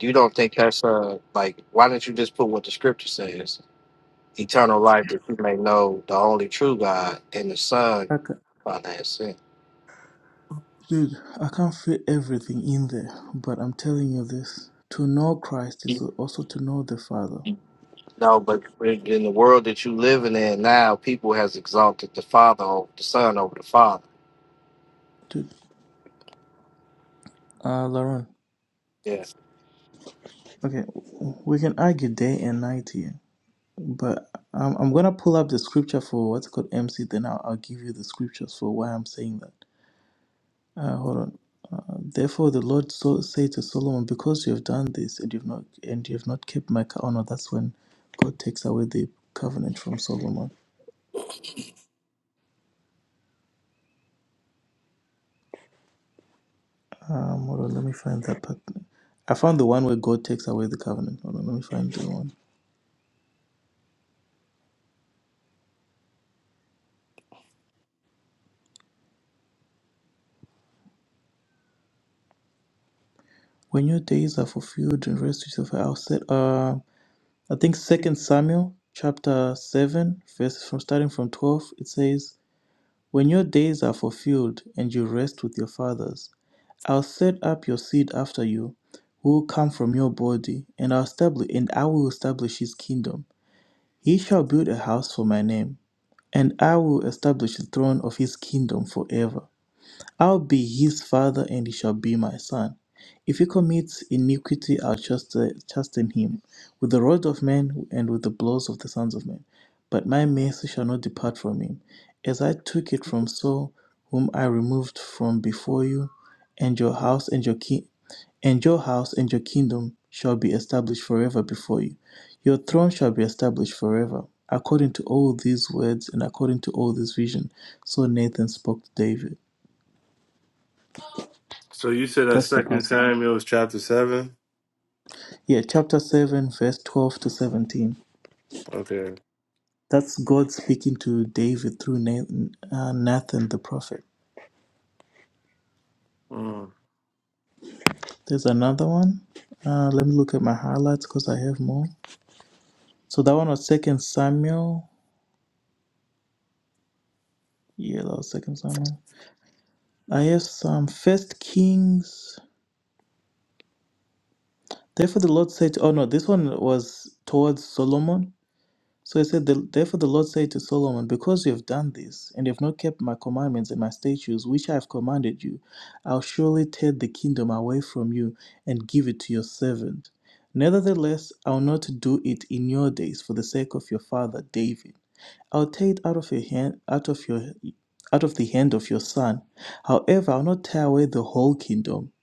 C: you don't think that's uh like why don't you just put what the Scripture says? Eternal life that you may know the only true God and the Son
A: I ca
C: by that sin.
A: dude, I can't fit everything in there, but I'm telling you this: to know Christ is also to know the Father.
C: No, but in the world that you living in now, people has exalted the father over the son over the father.
A: Dude, uh, Laron.
C: Yeah.
A: Okay, w- we can argue day and night here, but I'm, I'm gonna pull up the scripture for what's called MC. Then I'll, I'll give you the scriptures for why I'm saying that. Uh, hold on. Uh, Therefore, the Lord so said to Solomon, because you have done this and you've not and you have not kept my co- oh no, that's when God takes away the covenant from Solomon. Um, hold on, let me find that part. I found the one where God takes away the covenant. Hold on, let me find the one. When your days are fulfilled and rest yourself, I'll set. Uh, I think Second Samuel chapter seven, verse from starting from twelve. It says, "When your days are fulfilled and you rest with your fathers." I'll set up your seed after you, who will come from your body, and I'll establish and I will establish his kingdom. He shall build a house for my name, and I will establish the throne of his kingdom forever. I'll be his father, and he shall be my son. If he commits iniquity, I'll chasten chasten him with the rod of men and with the blows of the sons of men. But my mercy shall not depart from him, as I took it from Saul, whom I removed from before you, and your house and your king, and your house and your kingdom shall be established forever before you. Your throne shall be established forever. According to all these words and according to all this vision, so Nathan spoke to David.
B: so you said that
A: That's the
B: second
A: passage.
B: time it was chapter seven.
A: Yeah, chapter 7, verse 12 to 17.
B: Okay.
A: That's God speaking to David through Nathan, uh, Nathan the prophet.
B: Mm.
A: There's another one. Uh, let me look at my highlights because I have more. So that one was Second Samuel. Yeah, that was Second Samuel. I have some First Kings. Therefore, the Lord said, "Oh no, this one was towards Solomon." So he said, "The- Therefore the Lord said to Solomon, Because you have done this, and you have not kept my commandments and my statutes, which I have commanded you, I'll surely take the kingdom away from you and give it to your servant. Nevertheless, I'll not do it in your days for the sake of your father David. I'll take it out of your hand out of your out of the hand of your son. However, I'll not tear away the whole kingdom.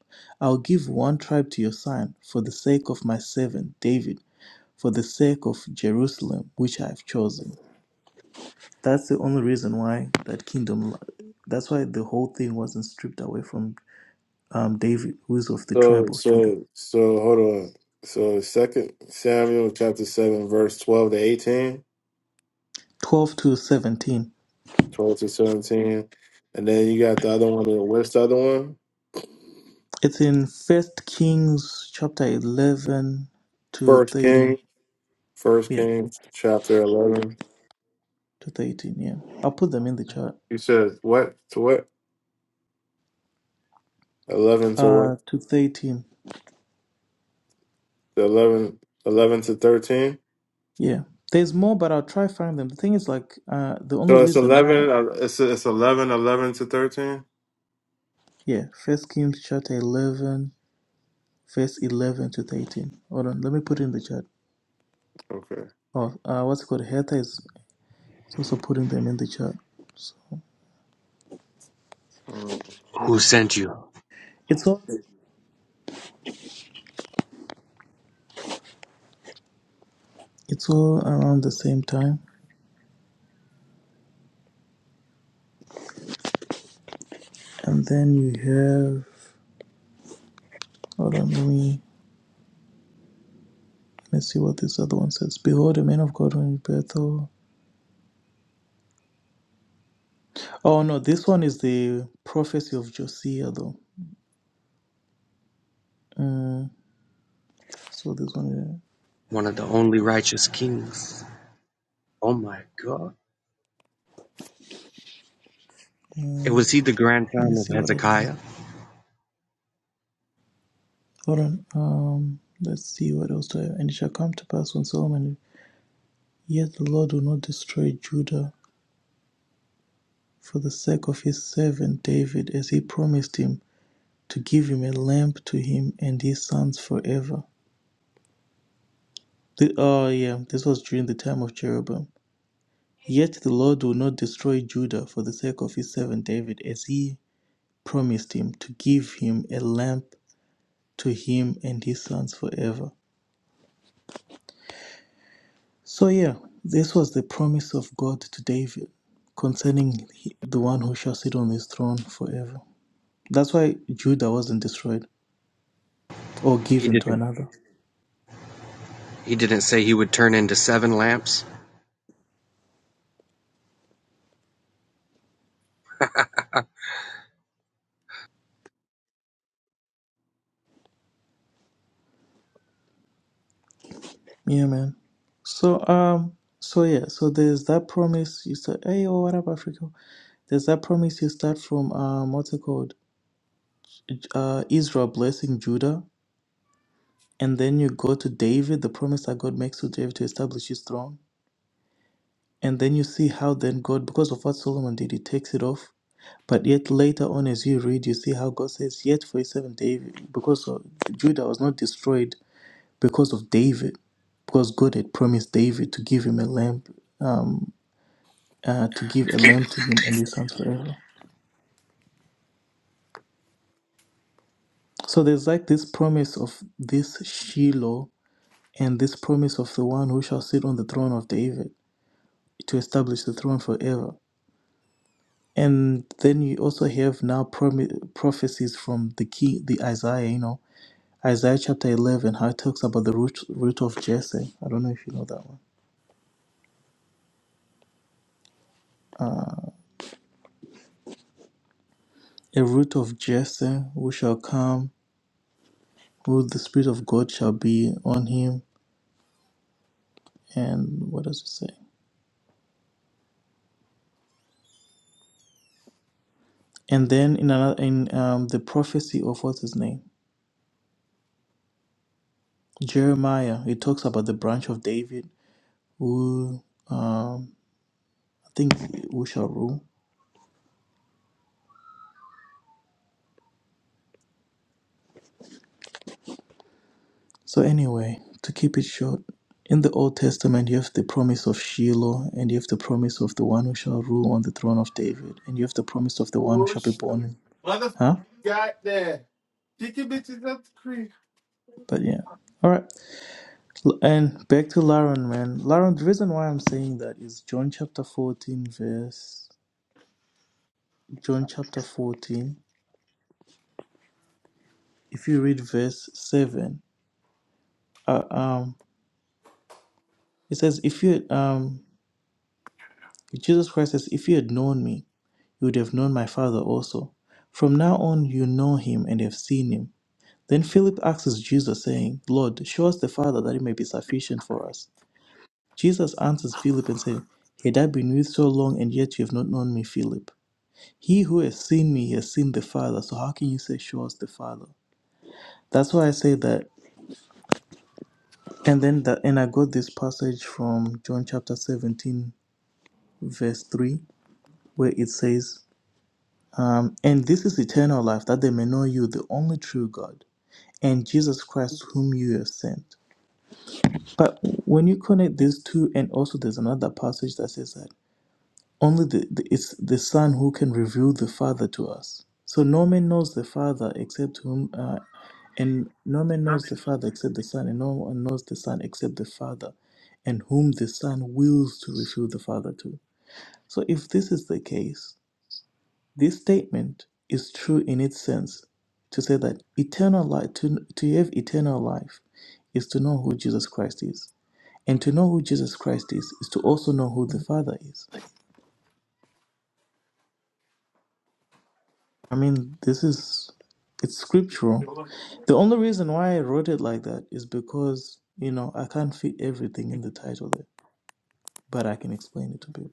A: I'll give one tribe to your son for the sake of my servant David, for the sake of Jerusalem, which I've chosen. That's the only reason why that kingdom, that's why the whole thing wasn't stripped away from um, David, who is of the
B: So
A: tribe of Judah.
B: so so hold on. So second Samuel chapter seven verse twelve to 18,
A: 12 to 17.
B: 12 to seventeen. And then you got the other one what's the other one?
A: It's in First Kings chapter 11 to
B: First King.
A: 13.
B: First
A: Yeah,
B: Kings chapter eleven.
A: to 13. Yeah. I'll put them in the chat.
B: You said what to what? Eleven to what?
A: Uh, to 13.
B: The 11, 11 to thirteen?
A: Yeah. There's more, but I'll try find them. The thing is, like, uh, the only
B: So it's
A: reason why,
B: eleven uh, it's it's eleven, eleven to thirteen?
A: yeah, First Kings chapter 11 verse 11 to 13. Hold on, let me put it in the chat.
B: Okay.
A: Oh, uh, what's it called? Hertha is is also putting them in the chat. So
B: Mm,
D: Who
B: mm.
D: sent you?
A: it's all it's all around the same time. And then you have hold on, let me let's see what this other one says. Behold a man of God in Bethel. Oh no, this one is the prophecy of Josiah though. Um, so this one
D: One of the only righteous kings. Oh my god.
A: uh,
D: It
A: um,
D: was he the
A: let me
D: grandson
A: see
D: of
A: what other one.
D: Hezekiah?
A: Hold on. Um let's see what else do I have. And it shall come to pass when Solomon yet the Lord will not destroy Judah for the sake of his servant David, as he promised him to give him a lamp to him and his sons forever. The, oh, yeah, this was during the time of Jeroboam. Yet the Lord will not destroy Judah for the sake of his servant David, as he promised him to give him a lamp to him and his sons forever. So, yeah, this was the promise of God to David concerning the one who shall sit on his throne forever. That's why Judah wasn't destroyed or
D: He
A: given to
D: didn't
A: another.
D: he didn't say he would turn into seven lamps?
A: Yeah, man. So um, so yeah, so there's that promise you start. Hey, oh, what up, Africa? There's that promise you start from um, what's it called? Uh, Israel blessing Judah, and then you go to David, the promise that God makes to David to establish his throne, and then you see how then God, because of what Solomon did, he takes it off. But yet later on, as you read, you see how God says, "Yet for his servant David, because of, Judah was not destroyed because of David, because God had promised David to give him a lamb uh, to give a lamb to him and his sons forever. So there's like this promise of this Shiloh and this promise of the one who shall sit on the throne of David to establish the throne forever. And then you also have now promi prophecies from the key, the Isaiah, you know, Isaiah chapter 11, how it talks about the root, root of Jesse. I don't know if you know that one. A root of Jesse who shall come, who the Spirit of God shall be on him. And what does it say? And then in another in um, the prophecy of what's his name Jeremiah, it talks about the branch of David who um, I think who shall rule. So anyway, to keep it short, in the Old Testament you have the promise of Shiloh, and you have the promise of the one who shall rule on the throne of David, and you have the promise of the one who shall be
B: Whoosh.
A: born. in-
B: Mother
A: Huh?
B: got there. Kick your bitches up the creek.
A: But yeah. All right, L- and back to Laron, man. Laron, the reason why I'm saying that is John chapter 14, verse John chapter 14 if you read verse 7 uh, um it says if you um jesus christ says if you had known me you would have known my father also from now on you know him and have seen him then philip asks jesus saying lord show us the father that it may be sufficient for us jesus answers philip and said had i been with so long and yet you have not known me philip he who has seen me has seen the father so how can you say show us the father that's why I say that. And then that, and I got this passage from John chapter 17, verse 3, where it says, um, And this is eternal life, that they may know you, the only true God, and Jesus Christ, whom you have sent. But when you connect these two, and also there's another passage that says that only the, the, it's the Son who can reveal the Father to us. So no man knows the Father except whom, uh, and no man knows the Father except the Son, and no one knows the Son except the Father, and whom the Son wills to reveal the Father to. So if this is the case, This statement is true in its sense to say that eternal life to, to have eternal life is to know who Jesus Christ is. And to know who Jesus Christ is is to also know who the Father is. I mean, this is it's scriptural.
B: Nah,
A: The only reason why I wrote it like that is because, you know, I can't fit everything in the title there, but I can explain it to people.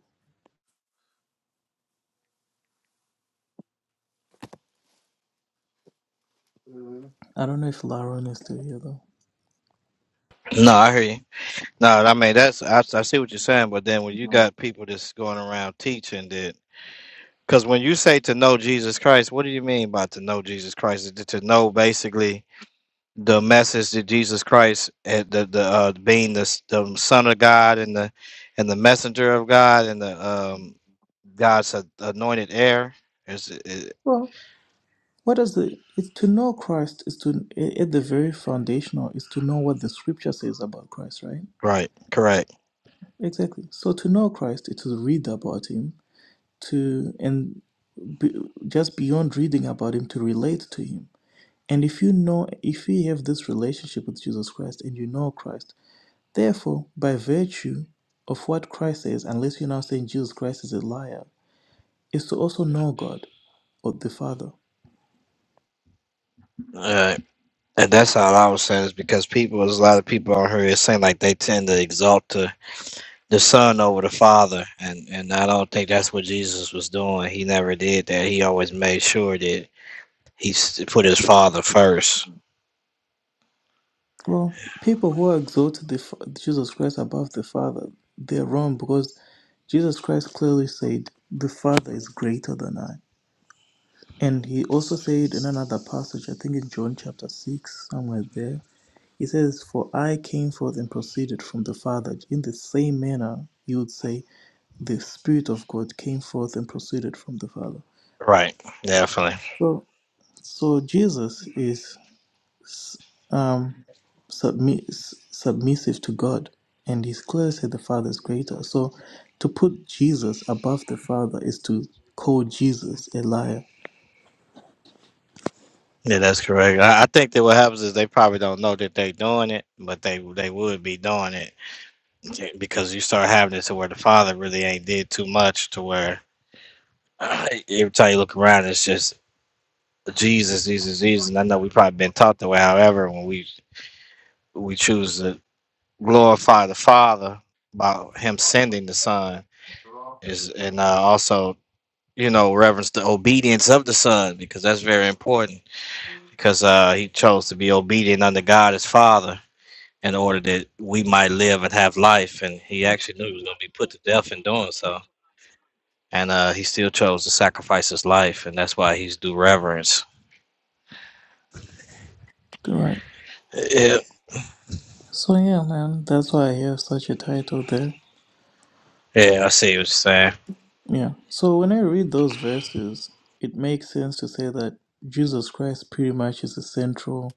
A: I don't know if Laron is still here
C: No, I hear you. No, I mean that's I, I see what you're saying, but then when you got people that's going around teaching that, because when you say to know Jesus Christ, what do you mean by to know Jesus Christ? Is it to know basically the message that Jesus Christ, eh, the the uh, being the, s- the Son of God and the and the messenger of God and the um God's a- anointed heir? Is it, it-
A: though. What does the it's to know Christ is to at the very foundational is to know what the scripture says about Christ, right?
C: right? Correct.
A: Exactly. So to know Christ is to read about him, to and be, just beyond reading about him to relate to him. And if you know if you have this relationship with Jesus Christ and you know Christ, therefore by virtue of what Christ says, unless you're now saying Jesus Christ is a liar, is to also know God or the Father.
C: Uh, and that's all I was saying is because people, there's a lot of people out here is saying like they tend to exalt the, the son over the father, and and I don't think that's what Jesus was doing. He never did that. He always made sure that he s- put his father first.
A: Well, people who exalted the, Fa- Jesus Christ above the Father, they're wrong because Jesus Christ clearly said, The Father is greater than I. And he also said in another passage, I think in John chapter 6, somewhere there, he says, For I came forth and proceeded from the Father. In the same manner, you would say, The Spirit of God came forth and proceeded from the Father.
C: Right. Definitely.
A: So, so Jesus is. Um, submiss- submissive to God, and he's clearly said the Father is greater. So to put Jesus above the Father is to call Jesus a liar.
C: Yeah, that's correct. I, I think that what happens is they probably don't know that they're doing it, but they they would be doing it Yeah, because you start having it to where the father really ain't did too much to where every time you look around, it's just Jesus, Jesus, Jesus. And I know we probably been taught that way. However, when we we choose to glorify the Father by Him sending the Son, is and uh, also you know reverence the obedience of the Son because that's very important because uh, He chose to be obedient unto God His Father in order that we might live and have life, and He actually knew He was going to be put to death in doing so. And uh, he still chose to sacrifice his life, and that's why he's due reverence.
A: Right.
C: Yeah,
A: So yeah, man, that's why I have such a title there.
C: yeah, I see what you're saying.
A: Yeah. So when I read those verses, it makes sense to say that Jesus Christ pretty much is the central,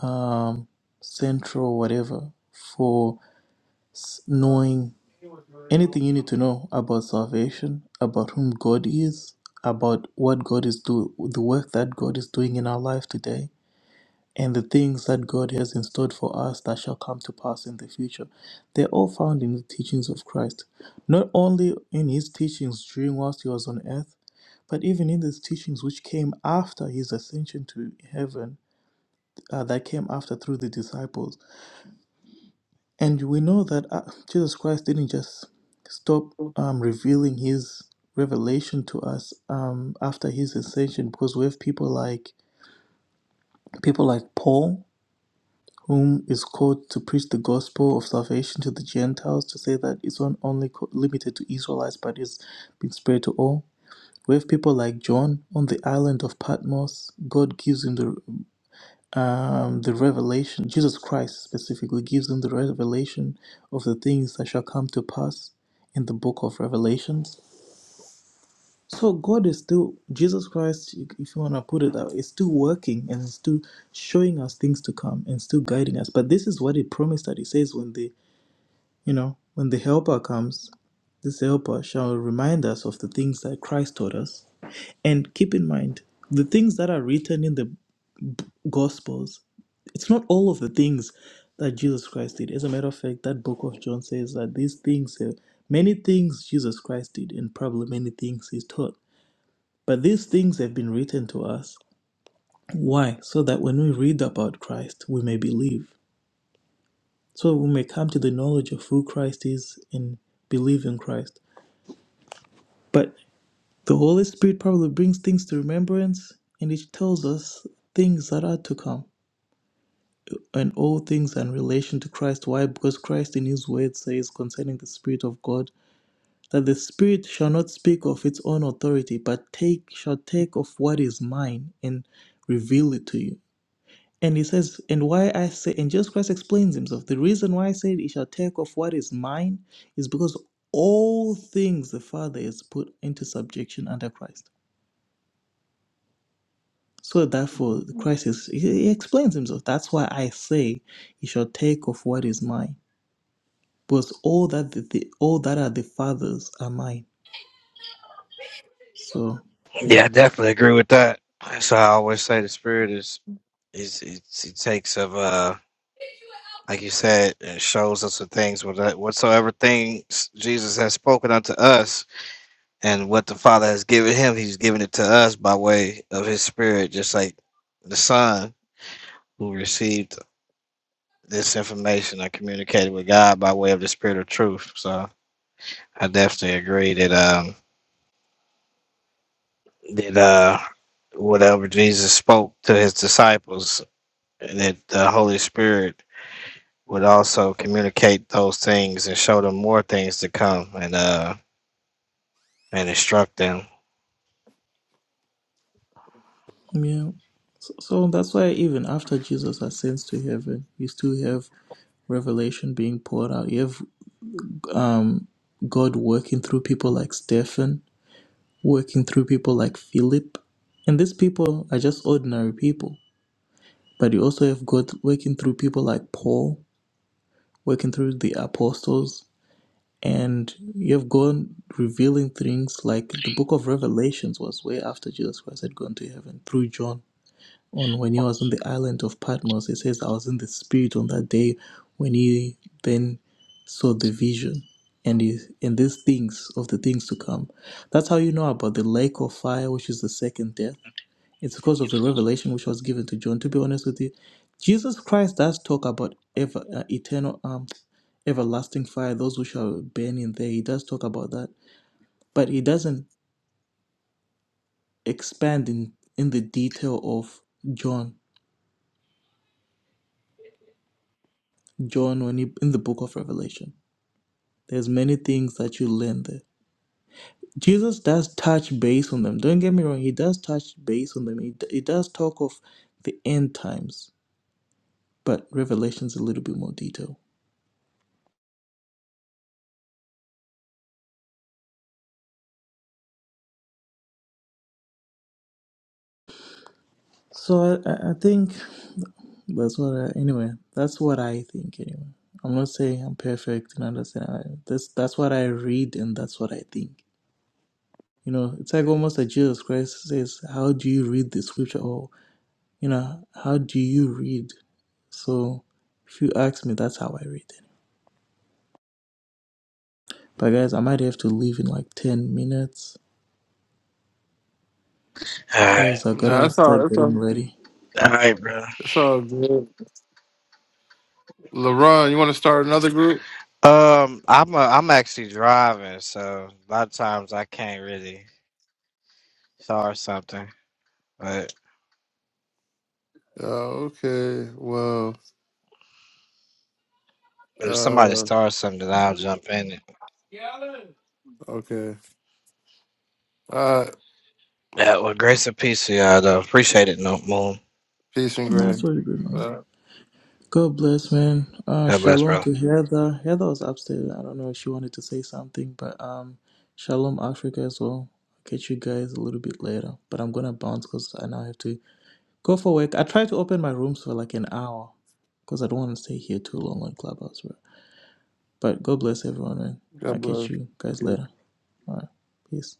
A: um, central whatever for s- knowing Anything you need to know about salvation, about whom God is, about what God is doing, the work that God is doing in our life today, and the things that God has in store for us that shall come to pass in the future, they're all found in the teachings of Christ. Not only in his teachings during whilst he was on earth, but even in these teachings which came after his ascension to heaven, uh, that came after through the disciples. And we know that uh, Jesus Christ didn't just stop um, revealing his revelation to us um, after his ascension, because we have people like people like Paul, whom is called to preach the gospel of salvation to the Gentiles, to say that it's not only co- limited to Israelites, but it's been spread to all. We have people like John on the island of Patmos. God gives him the um, the revelation, Jesus Christ specifically gives them the revelation of the things that shall come to pass in the book of Revelations. So God is still, Jesus Christ, if you want to put it that way, is still working and is still showing us things to come and still guiding us. But this is what he promised that he says when the, you know, when the helper comes, this helper shall remind us of the things that Christ taught us. And keep in mind, the things that are written in the gospels it's not all of the things that jesus christ did as a matter of fact that book of john says that these things uh, many things jesus christ did and probably many things he's taught but these things have been written to us why so that when we read about christ we may believe so we may come to the knowledge of who christ is and believe in christ but the holy spirit probably brings things to remembrance and it tells us things that are to come and all things in relation to Christ. Why? Because Christ in his word says concerning the Spirit of God that the Spirit shall not speak of its own authority, but take shall take of what is mine and reveal it to you. And he says, and why I say, and Jesus Christ explains himself. The reason why I said he shall take of what is mine is because all things the Father has put into subjection under Christ. So therefore, Christ is, he explains himself. That's why I say he shall take of what is mine Because all that the, the all that are the fathers are mine. So yeah.
C: Yeah, I definitely agree with that. So I always say the spirit is is it's, it takes of uh like you said it shows us the things with that- whatsoever things Jesus has spoken unto us and what the Father has given him he's given it to us by way of his spirit just like the son who received this information and communicated with God by way of the spirit of truth so I definitely agree that um that uh whatever Jesus spoke to his disciples that the Holy Spirit would also communicate those things and show them more things to come and uh and instruct them.
A: Yeah. So, so that's why even after Jesus ascends to heaven, you still have revelation being poured out. You have um God working through people like Stephen, working through people like Philip. And these people are just ordinary people. But you also have God working through people like Paul, working through the apostles, and you've gone revealing things like the book of revelations was way after jesus christ had gone to heaven through john on when he was on the island of patmos it says i was in the spirit on that day when he then saw the vision and is and these things of the things to come that's how you know about the lake of fire which is the second death it's because of the revelation which was given to John. To be honest with you, Jesus Christ does talk about ever uh, eternal, um, everlasting fire. Those who shall burn in there. He does talk about that, but he doesn't expand in in the detail of John. John, when he in the book of Revelation, there's many things that you learn there. Jesus does touch base on them. Don't get me wrong. He does touch base on them. He, he does talk of the end times, but Revelation's a little bit more detailed. So I, I I think. That's what I, anyway, that's what I think anyway. I'm not saying I'm perfect in understanding. I, that's that's what I read and that's what I think. You know, it's like almost like Jesus Christ says, "How do you read the scripture?" Or you know, how do you read? So, if you ask me, that's how I read it. But guys, I might have to leave in like ten minutes
C: All right,
A: because I gotta
B: that's all.
A: start
B: That's
A: getting
B: all.
A: ready.
C: all right, bro.
B: That's all good. LeBron, you want to start another group?
C: Um, I'm uh, I'm actually driving, so a lot of times I can't really start something. But
B: Oh, okay. Well,
C: if somebody
B: uh,
C: starts something, I'll jump in it.
B: okay. All right.
C: Yeah, well, grace and peace to y'all, though. Appreciate it, No Moon.
B: Peace and grace.
A: That's really good, man.
B: Uh,
A: God bless, man. Uh,
C: God bless,
A: shalom
C: bro.
A: to Heather. Heather was upstairs. I don't know if she wanted to say something, but um, shalom Africa as well. Catch you guys a little bit later, but I'm gonna bounce because I now have to go for work. I try to open my rooms for like an hour because I don't want to stay here too long on Clubhouse, bro. But God bless everyone, man. I'll
B: God
A: catch you guys
B: bless.
A: later. All right, peace.